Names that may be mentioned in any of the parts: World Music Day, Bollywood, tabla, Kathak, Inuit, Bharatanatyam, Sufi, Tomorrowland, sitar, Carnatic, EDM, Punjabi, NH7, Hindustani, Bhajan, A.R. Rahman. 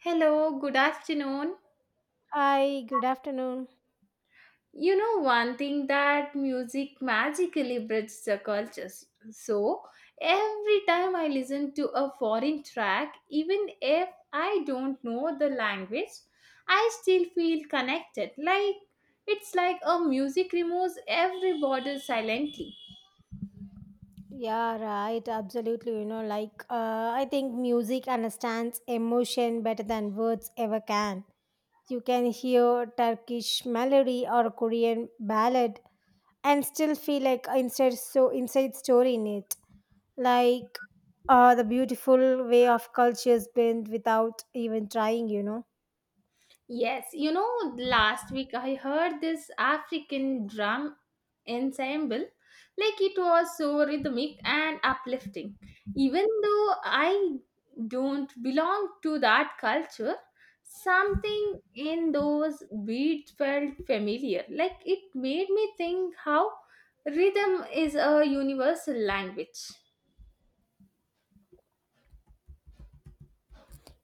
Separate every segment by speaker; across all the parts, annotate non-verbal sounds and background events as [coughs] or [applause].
Speaker 1: Hello, good afternoon.
Speaker 2: Hi, good afternoon.
Speaker 1: You know, one thing that music magically bridges the cultures. So, every time I listen to a foreign track, even if I don't know the language, I still feel connected. Like it's like a music removes every border silently.
Speaker 2: Yeah, right. Absolutely. You know, like, I think music understands emotion better than words ever can. You can hear Turkish melody or Korean ballad and still feel like inside so inside story in it. Like, the beautiful way of cultures bend without even trying.
Speaker 1: Yes, you know, last week I heard this African drum ensemble. Like it was so rhythmic and uplifting. Even though I don't belong to that culture, something in those beats felt familiar. Like it made me think how rhythm is a universal language.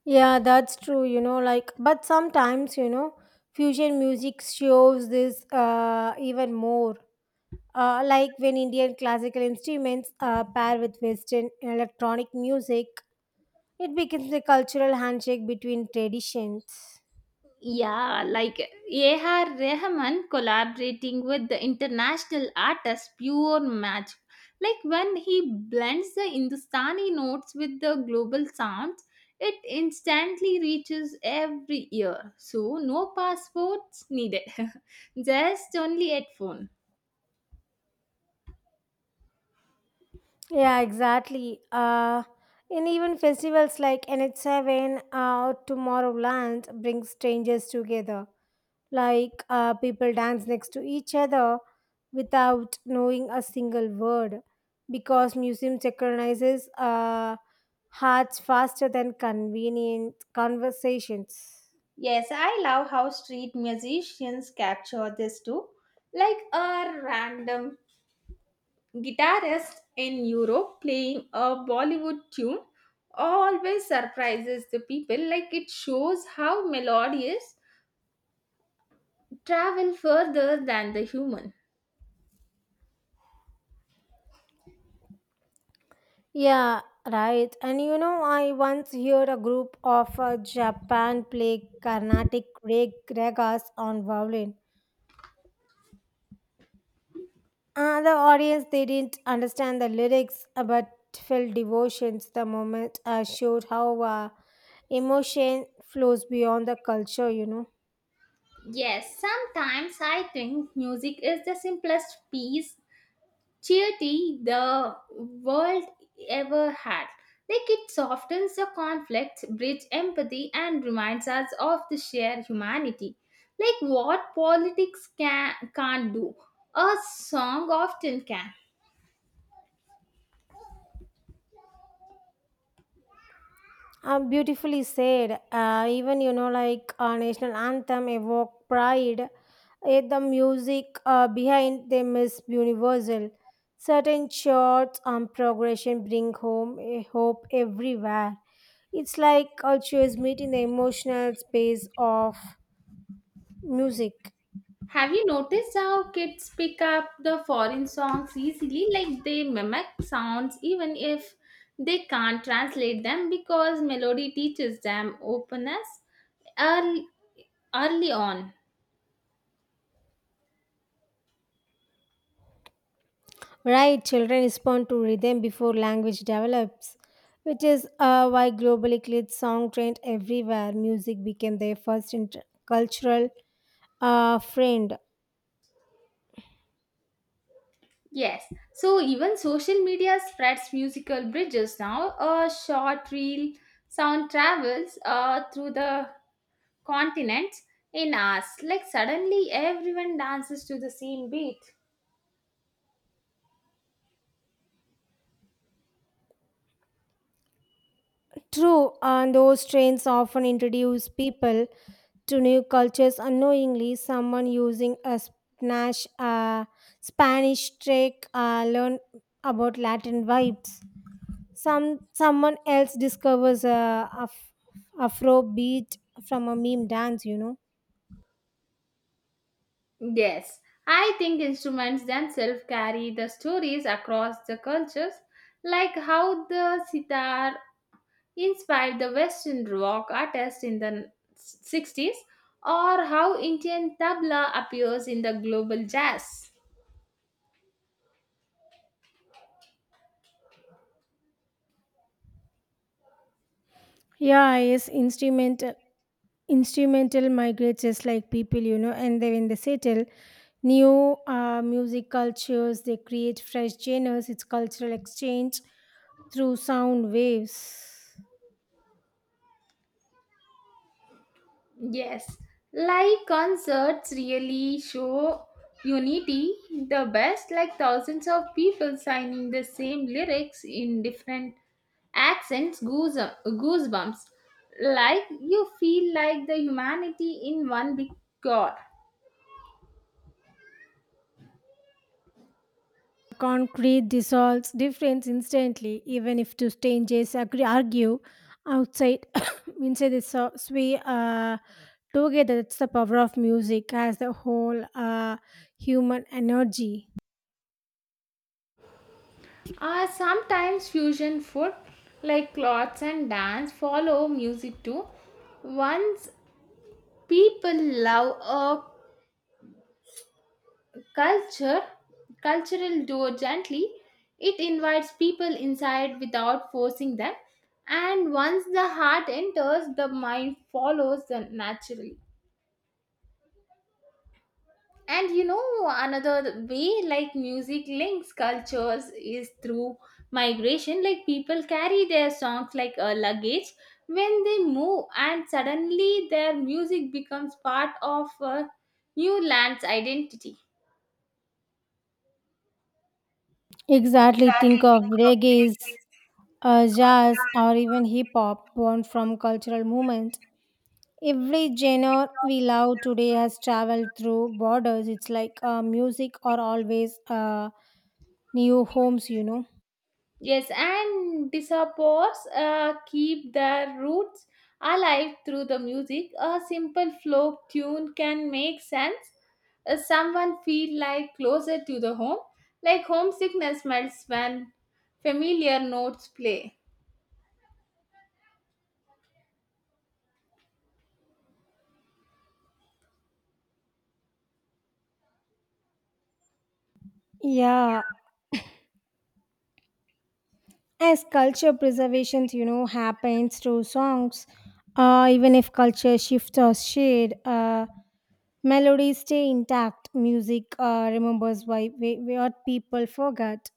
Speaker 2: Yeah, that's true. You know, like, but sometimes you know, fusion music shows this even more like when Indian classical instruments pair with Western electronic music, it becomes a cultural handshake between traditions.
Speaker 1: Yeah, like A.R. Rahman collaborating with the international artist, pure magic. Like when he blends the Hindustani notes with the global sounds, it instantly reaches every ear. So no passports needed, [laughs] just only headphone.
Speaker 2: Yeah, exactly. And even festivals like NH7 or Tomorrowland bring strangers together. Like people dance next to each other without knowing a single word because museum synchronizes hearts faster than convenient conversations.
Speaker 1: Yes, I love how street musicians capture this too. Like a random guitarist in Europe playing a Bollywood tune always surprises the people, like it shows how melodies travel further than the human.
Speaker 2: Yeah, right. And you know, I once heard a group of Japan play Carnatic ragas on violin. The audience they didn't understand the lyrics, but felt devotions the moment showed how emotion flows beyond the culture.
Speaker 1: Yes, sometimes I think music is the simplest piece charity the world ever had. Like it softens the conflicts, bridges empathy, and reminds us of the shared humanity. Like what politics can't do, a song often can.
Speaker 2: Beautifully said. Even you know, like national anthem evoke pride. Yet the music behind them is universal. Certain chords and progression bring home a hope everywhere. It's like culture is meeting the emotional space of music.
Speaker 1: Have you noticed how kids pick up the foreign songs easily? Like they mimic sounds even if they can't translate them because melody teaches them openness early, early on.
Speaker 2: Right, children respond to rhythm before language develops, which is why globally cleared song trend everywhere. Music became their first inter- cultural A friend.
Speaker 1: Yes, so even social media spreads musical bridges now. A short reel sound travels through the continents in hours. Like suddenly everyone dances to the same beat.
Speaker 2: True, and those trains often introduce people to new cultures unknowingly. Someone using a Spanish, Spanish trick learn about Latin vibes. Someone else discovers a Afro beat from a meme dance.
Speaker 1: Yes, I think instruments themselves carry the stories across the cultures, like how the sitar inspired the Western rock artists in the 60s, or how Indian tabla appears in the global jazz.
Speaker 2: Yeah, yes, instrumental migrates just like people you know and they when they settle new music cultures they create fresh genres. It's cultural exchange through sound waves.
Speaker 1: Yes, live concerts really show unity the best, like thousands of people signing the same lyrics in different accents, goosebumps. Like you feel like the humanity in one big core.
Speaker 2: Concrete dissolves difference instantly even if two strangers agree argue outside [coughs] inside the so- sway together. That's the power of music as the whole human energy.
Speaker 1: Sometimes fusion food like clothes and dance follow music too. Once people love a culture, cultural door gently, it invites people inside without forcing them. And once the heart enters, the mind follows them naturally. And you know, another way like music links cultures is through migration, like people carry their songs like a luggage when they move, and suddenly their music becomes part of a new land's identity.
Speaker 2: Exactly, think of reggae is jazz, or even hip hop born from cultural movements. Every genre we love today has traveled through borders. It's like music or always new homes.
Speaker 1: Yes, and disapos keep their roots alive through the music. A simple folk tune can make sense. Someone feel like closer to the home, like homesickness melts when familiar notes play.
Speaker 2: Yeah, as culture preservation, you know, happens through songs, even if culture shifts or shade, melodies stay intact. Music remembers what people forgot.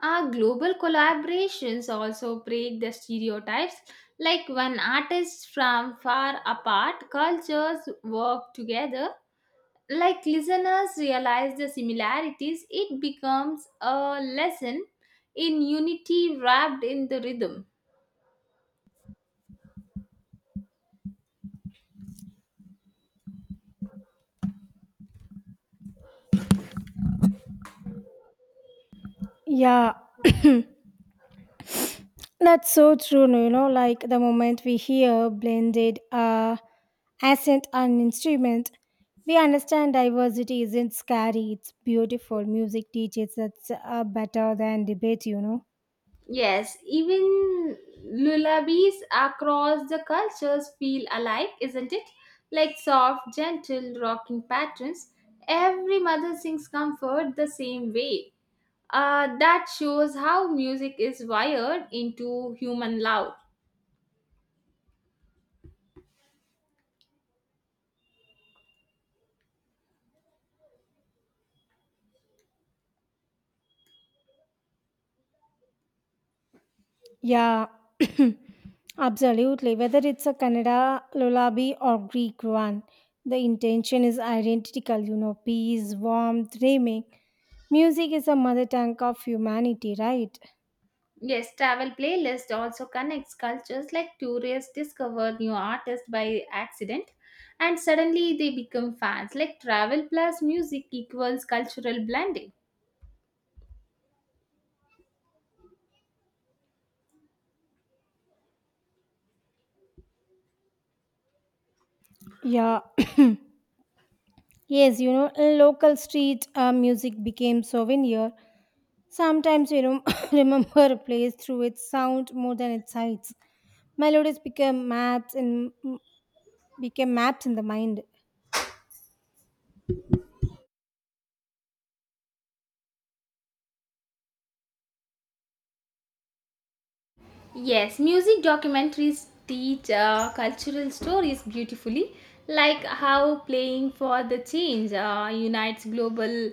Speaker 1: Our global collaborations also break the stereotypes, like when artists from far apart cultures work together, like listeners realize the similarities, it becomes a lesson in unity wrapped in the rhythm.
Speaker 2: Yeah, that's so true, no, you know, like the moment we hear blended accent and instrument, we understand diversity isn't scary, it's beautiful. Music teaches that's better than debate.
Speaker 1: Yes, even lullabies across the cultures feel alike, isn't it? Like soft, gentle, rocking patterns. Every mother sings comfort the same way. That shows how music is wired into human love.
Speaker 2: Yeah, [coughs] [clears throat] absolutely. Whether it's a Kannada lullaby or Greek one, the intention is identical, you know, peace, warmth, dreaming. Music is a mother tongue of humanity, right?
Speaker 1: Yes, travel playlist also connects cultures like tourists discover new artists by accident and suddenly they become fans. Like travel plus music equals cultural blending.
Speaker 2: Yeah. [coughs] [clears throat] Yes, you know, local street music became souvenir. Sometimes we rem- [coughs] [laughs] remember a place through its sound more than its sights. Melodies became maps and Became maps in the mind.
Speaker 1: Yes, music documentaries teach cultural stories beautifully, like how playing for the change unites global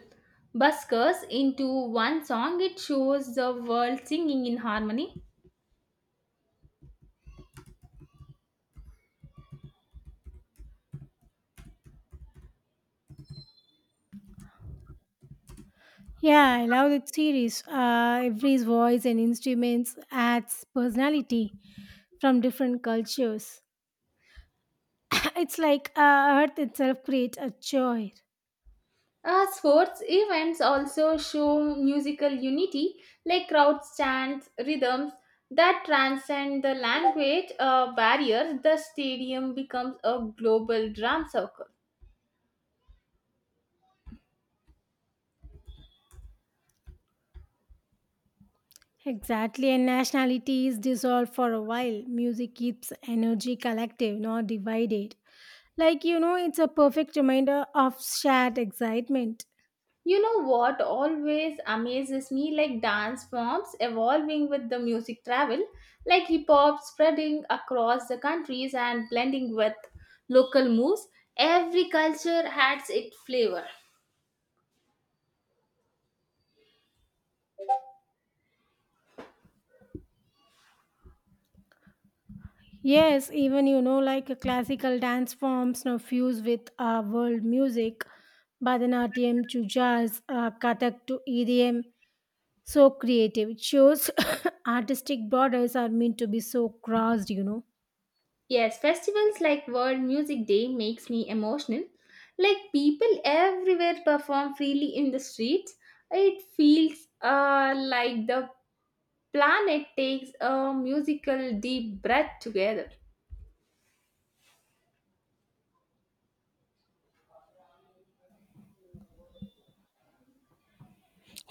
Speaker 1: buskers into one song. It shows the world singing in harmony.
Speaker 2: Yeah, I love that series. Every voice and instruments adds personality from different cultures. [coughs] It's like Earth itself creates a joy.
Speaker 1: Sports events also show musical unity, like crowds, chants, rhythms that transcend the language barriers. The stadium becomes a global drum circle.
Speaker 2: Exactly, and nationality is dissolved for a while. Music keeps energy collective, not divided. Like, you know, it's a perfect reminder of shared excitement.
Speaker 1: You know what always amazes me, like dance forms evolving with the music travel, like hip hop spreading across the countries and blending with local moves. Every culture has its flavor.
Speaker 2: Yes, even, you know, like a classical dance forms now fuse with world music, Bharatanatyam to jazz, Kathak to EDM. So creative. It shows [coughs] artistic borders are meant to be so crossed.
Speaker 1: Yes, festivals like World Music Day makes me emotional. Like people everywhere perform freely in the streets. It feels like the planet takes a musical deep breath together.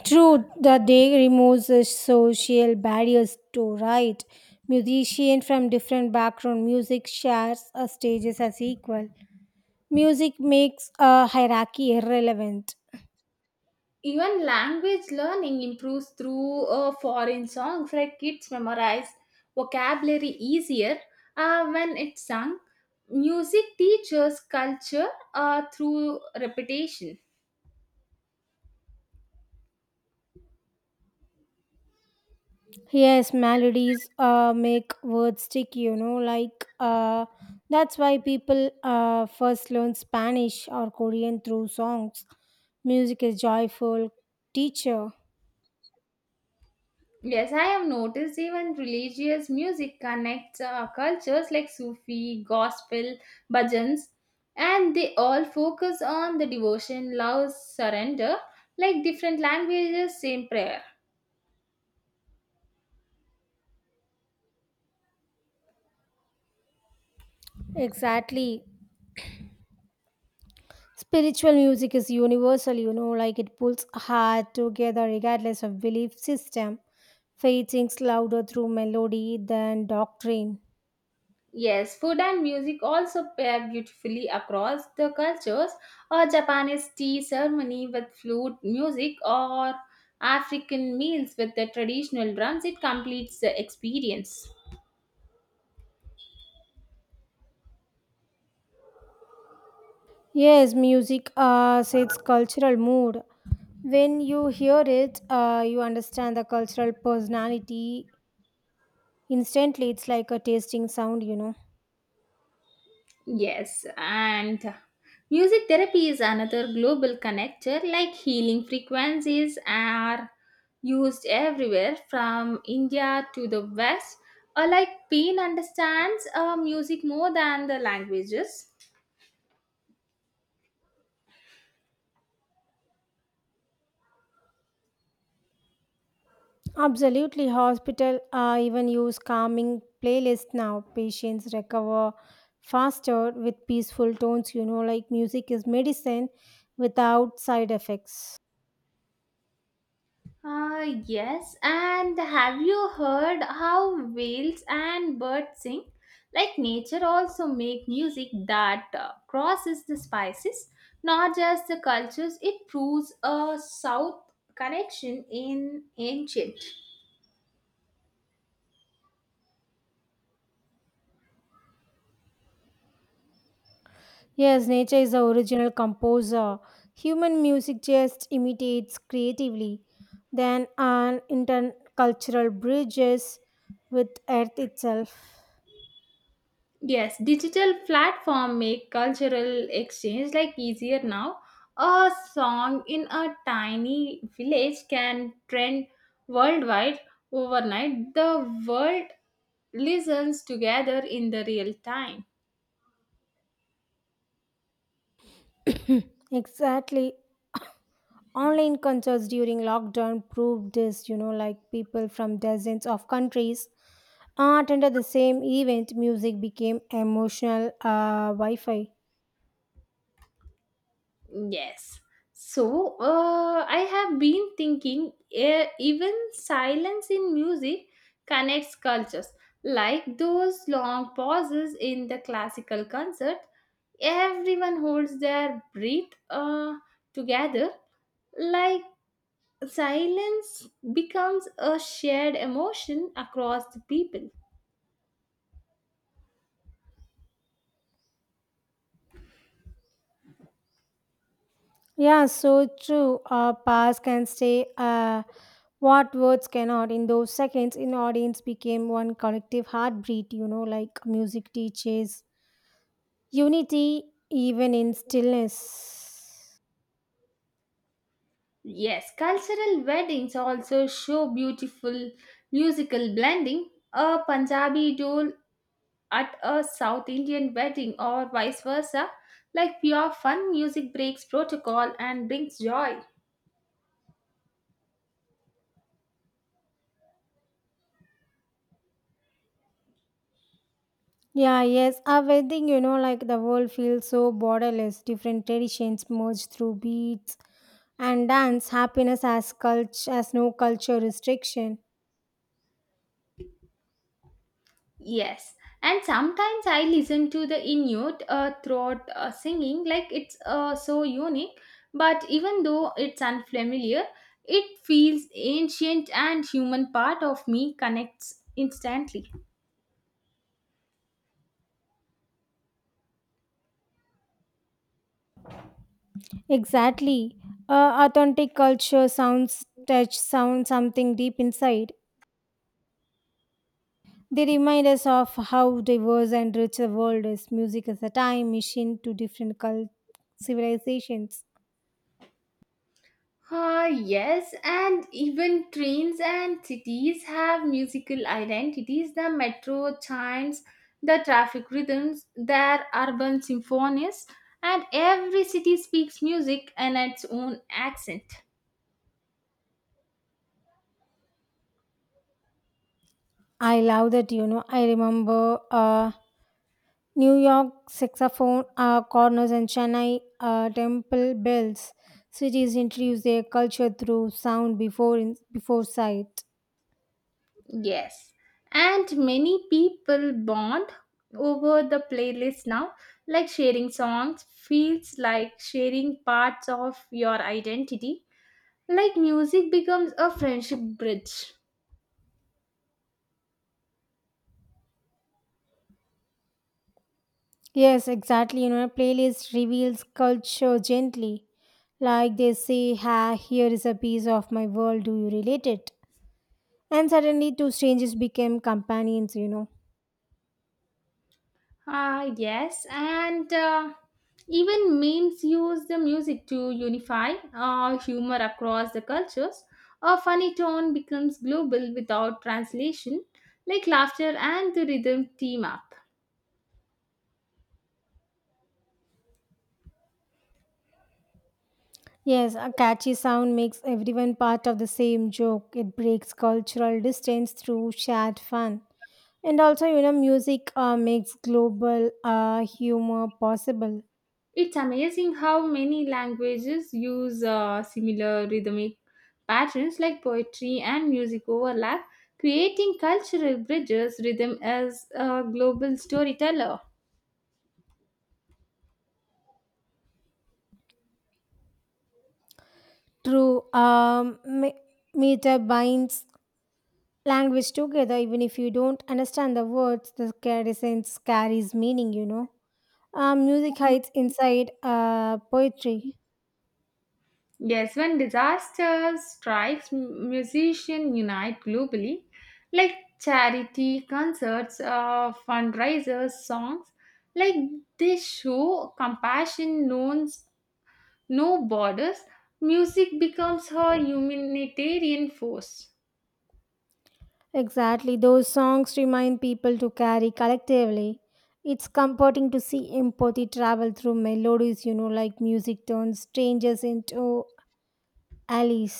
Speaker 2: True, the day removes the social barriers to right. Musicians from different background music shares stages as equal. Music makes a hierarchy irrelevant.
Speaker 1: Even language learning improves through foreign songs, like kids memorize vocabulary easier when it's sung. Music teaches culture through repetition.
Speaker 2: Yes, melodies make words sticky, you know, like that's why people first learn Spanish or Korean through songs. Music is joyful teacher.
Speaker 1: Yes, I have noticed even religious music connects cultures, like sufi, gospel, bhajans, and they all focus on the devotion, love, surrender, like different languages, same prayer.
Speaker 2: Exactly. Spiritual music is universal, you know, like it pulls heart together regardless of belief system. Faith sings louder through melody than doctrine.
Speaker 1: Yes, food and music also pair beautifully across the cultures. A Japanese tea ceremony with flute music, or African meals with the traditional drums, it completes the experience.
Speaker 2: Yes, music sets cultural mood. When you hear it, you understand the cultural personality instantly. It's like a tasting sound.
Speaker 1: Yes, and music therapy is another global connector, like healing frequencies are used everywhere from India to the West. Like, pain understands music more than the languages.
Speaker 2: Absolutely, hospital even use calming playlists now. Patients recover faster with peaceful tones. You know, like music is medicine without side effects.
Speaker 1: Yes, and have you heard how whales and birds sing? Like nature also make music that crosses the species, not just the cultures. It proves a south connection in ancient.
Speaker 2: Yes, nature is the original composer. Human music just imitates creatively. Then an intercultural bridges with earth itself.
Speaker 1: Yes, digital platform make cultural exchange like easier now. A song in a tiny village can trend worldwide overnight. The world listens together in the real time.
Speaker 2: [coughs] Exactly. Online concerts during lockdown proved this, you know, like people from dozens of countries attended the same event. Music became emotional Wi Fi.
Speaker 1: Yes. So, I have been thinking even silence in music connects cultures. Like those long pauses in the classical concert, everyone holds their breath together. Like silence becomes a shared emotion across the people.
Speaker 2: Yeah, so true. Past can say what words cannot. In those seconds, in audience became one collective heartbeat, you know, like music teaches unity even in stillness.
Speaker 1: Yes, cultural weddings also show beautiful musical blending. A Punjabi dole at a South Indian wedding, or vice versa, like pure fun music breaks protocol and brings joy.
Speaker 2: Yeah, yes. A wedding, you know, like the world feels so borderless. Different traditions merge through beats and dance. Happiness as culture, as no culture restriction.
Speaker 1: Yes, and sometimes I listen to the Inuit throat singing, like it's so unique, but even though it's unfamiliar, it feels ancient, and human part of me connects instantly.
Speaker 2: Exactly. Authentic culture sounds touch sound something deep inside. They remind us of how diverse and rich the world is. Music is a time machine to different cult- civilizations.
Speaker 1: Ah, yes, and even trains and cities have musical identities. The metro chimes, the traffic rhythms, their urban symphonies, and every city speaks music in its own accent.
Speaker 2: I love that, you know. I remember. New York saxophone corners and Chennai temple bells. Cities introduce their culture through sound before sight.
Speaker 1: Yes, and many people bond over the playlist now, like sharing songs feels like sharing parts of your identity. Like music becomes a friendship bridge.
Speaker 2: Yes, exactly. You know, a playlist reveals culture gently. Like they say, ha, here is a piece of my world. Do you relate it? And suddenly, two strangers became companions.
Speaker 1: Ah, yes, and even memes use the music to unify humor across the cultures. A funny tone becomes global without translation, like laughter and the rhythm team up.
Speaker 2: Yes, a catchy sound makes everyone part of the same joke. It breaks cultural distance through shared fun. And also, you know, music makes global humor possible.
Speaker 1: It's amazing how many languages use similar rhythmic patterns, like poetry and music overlap, creating cultural bridges. Rhythm as a global storyteller.
Speaker 2: True, meter binds language together. Even if you don't understand the words, the carries sense carries meaning. You know, music hides inside poetry.
Speaker 1: Yes, when disaster strikes, musicians unite globally, like charity concerts, fundraisers, songs. Like they show compassion, known no borders, music becomes her humanitarian force.
Speaker 2: Exactly, those songs remind people to carry collectively. It's comforting to see empathy travel through melodies. You know, like music turns strangers into allies.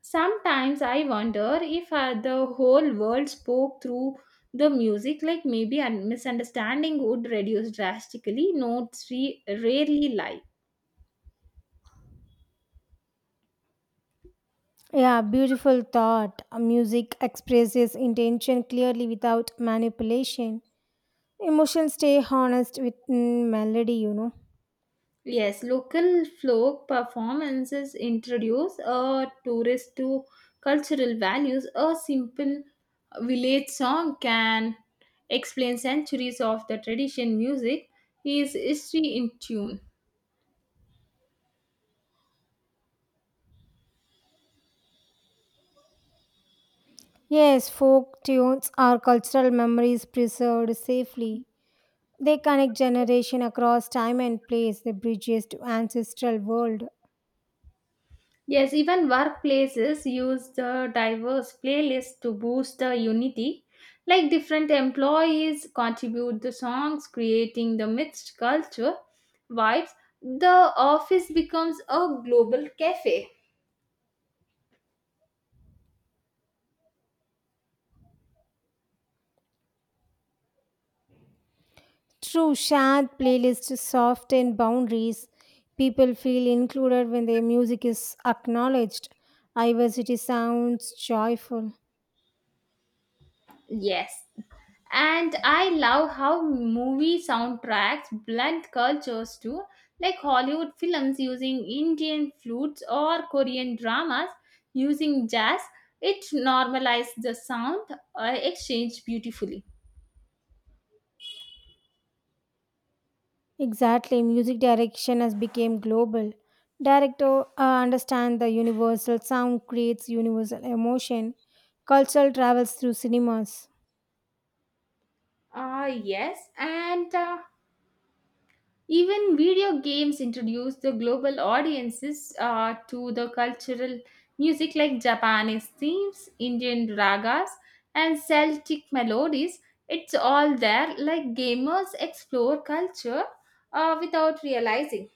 Speaker 1: Sometimes I wonder if the whole world spoke through the music, like maybe a misunderstanding would reduce drastically. Notes rarely lie.
Speaker 2: Yeah, beautiful thought. Music expresses intention clearly without manipulation. Emotions stay honest with mm, melody.
Speaker 1: Yes, local folk performances introduce a tourist to cultural values. A simple village song can explain centuries of the tradition. Music is history in tune.
Speaker 2: Yes, folk tunes are cultural memories preserved safely. They connect generation across time and place, the bridges to ancestral world.
Speaker 1: Yes, even workplaces use the diverse playlists to boost the unity. Like different employees contribute the songs, creating the mixed culture vibes. The office becomes a global cafe.
Speaker 2: True, shared playlists soften boundaries. People feel included when their music is acknowledged. Diversity sounds joyful.
Speaker 1: Yes, and I love how movie soundtracks blend cultures too, like Hollywood films using Indian flutes, or Korean dramas using jazz. It normalizes the sound exchange beautifully.
Speaker 2: Exactly, music direction has become global. Director understand the universal sound creates universal emotion. Cultural travels through cinemas.
Speaker 1: Ah, yes, and even video games introduce the global audiences to the cultural music, like Japanese themes, Indian ragas, and Celtic melodies. It's all there, like gamers explore culture without realizing.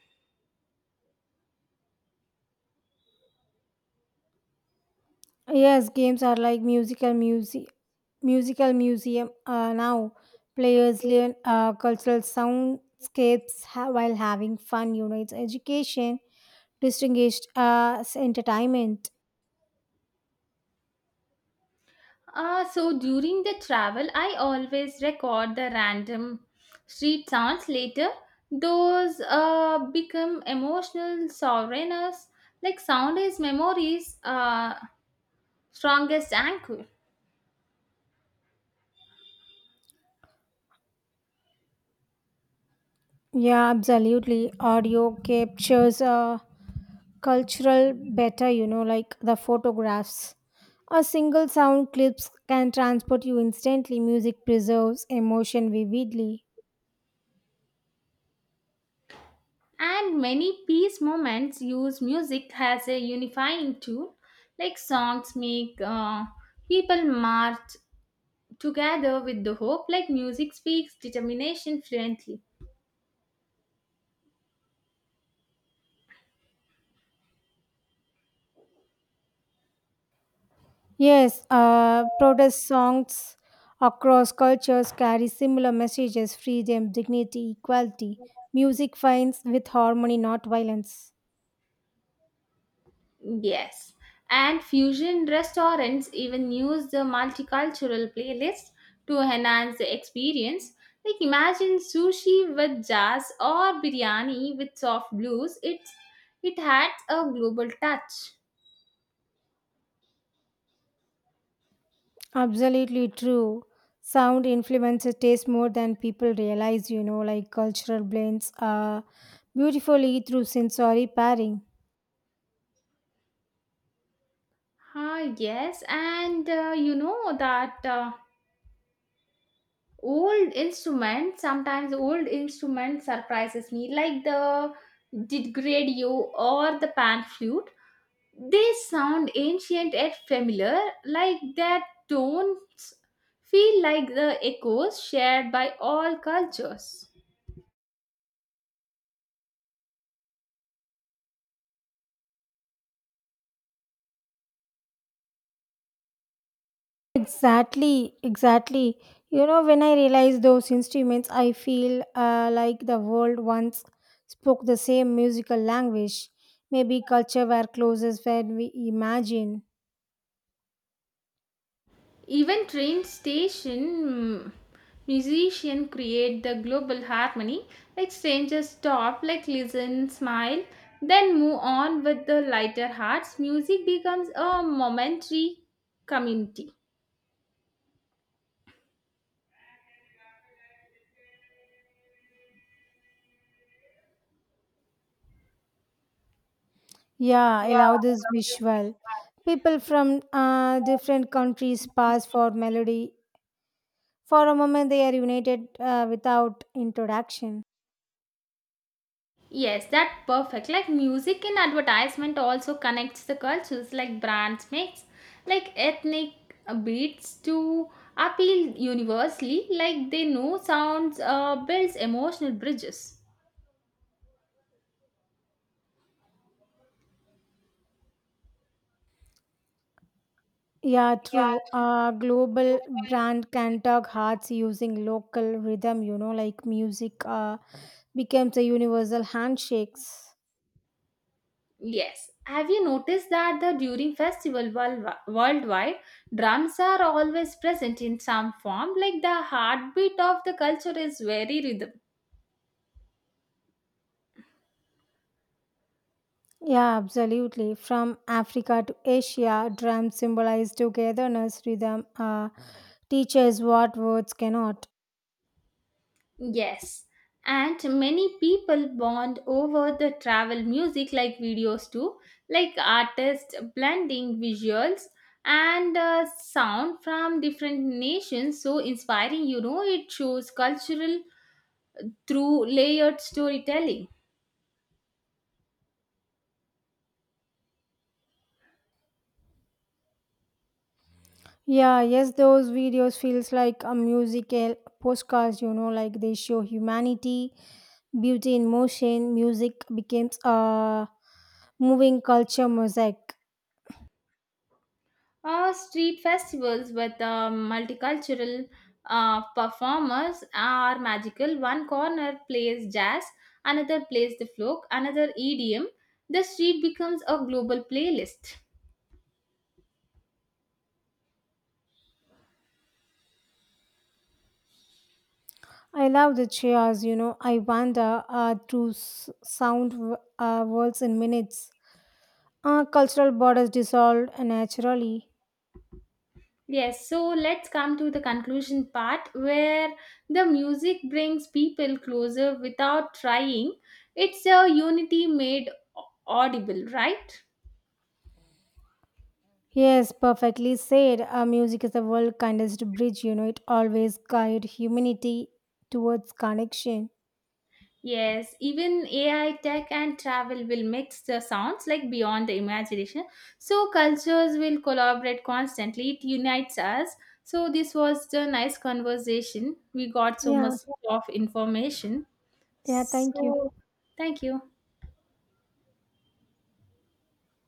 Speaker 2: Yes, games are like musical museum now. Players learn cultural soundscapes ha- while having fun. Unites education, distinguished entertainment.
Speaker 1: So during the travel, I always record the random street sounds later. Those become emotional souvenirs, like sound is memories. Strongest anchor.
Speaker 2: Yeah, absolutely. Audio captures cultural better, you know, like the photographs. A single sound clips can transport you instantly. Music preserves emotion vividly.
Speaker 1: And many peace movements use music as a unifying tool, like songs make people march together with the hope, like music speaks determination fluently.
Speaker 2: Yes, protest songs across cultures carry similar messages freedom, dignity, equality. Music finds with harmony, not violence.
Speaker 1: Yes, and fusion restaurants even use the multicultural playlist to enhance the experience. Like imagine sushi with jazz, or biryani with soft blues. It adds a global touch.
Speaker 2: Absolutely true. Sound influences taste more than people realize, you know, like cultural blends are beautifully through sensory pairing.
Speaker 1: Ah, yes, and you know that sometimes old instruments surprises me, like the didgeridoo or the pan flute. They sound ancient yet familiar, like their tones feel like the echoes shared by all cultures.
Speaker 2: Exactly. You know, when I realize those instruments, I feel like the world once spoke the same musical language. Maybe culture were closest when we imagine.
Speaker 1: Even train station musician create the global harmony. Like strangers stop, like listen, smile, then move on with the lighter hearts. Music becomes a momentary community.
Speaker 2: Yeah, allow this visual. People from different countries pass for melody. For a moment, they are united without introduction.
Speaker 1: Yes, that perfect. Like music and advertisement also connects the cultures. Like brands makes like ethnic beats to appeal universally. Like they know sounds builds emotional bridges.
Speaker 2: Yeah, true. A global brand can tug hearts using local rhythm, you know, like music becomes a universal handshakes.
Speaker 1: Yes. Have you noticed that the during festival worldwide, drums are always present in some form, like the heartbeat of the culture is very rhythm.
Speaker 2: Yeah, absolutely. From Africa to Asia, drums symbolize togetherness, rhythm teaches what words cannot.
Speaker 1: Yes. And many people bond over the travel music like videos too, like artists blending visuals and sound from different nations. So inspiring, you know, it shows cultural through layered storytelling.
Speaker 2: Yeah, yes, those videos feels like a musical postcards, you know, like they show humanity, beauty in motion, music becomes a moving culture mosaic.
Speaker 1: Street festivals with multicultural performers are magical. One corner plays jazz, another plays the folk, another EDM. The street becomes a global playlist.
Speaker 2: I love the cheers, you know, I wander through s- sound worlds in minutes. Cultural borders dissolved naturally.
Speaker 1: Yes, so let's come to the conclusion part where the music brings people closer without trying. It's a unity made audible, right?
Speaker 2: Yes, perfectly said. Music is the world kindest bridge, you know, it always guide humanity towards connection.
Speaker 1: Yes, even AI tech and travel will mix the sounds like beyond the imagination. So cultures will collaborate constantly. It unites us. So this was the nice conversation. We got so
Speaker 2: Yeah,
Speaker 1: much of information.
Speaker 2: yeah, thank you.
Speaker 1: So thank you.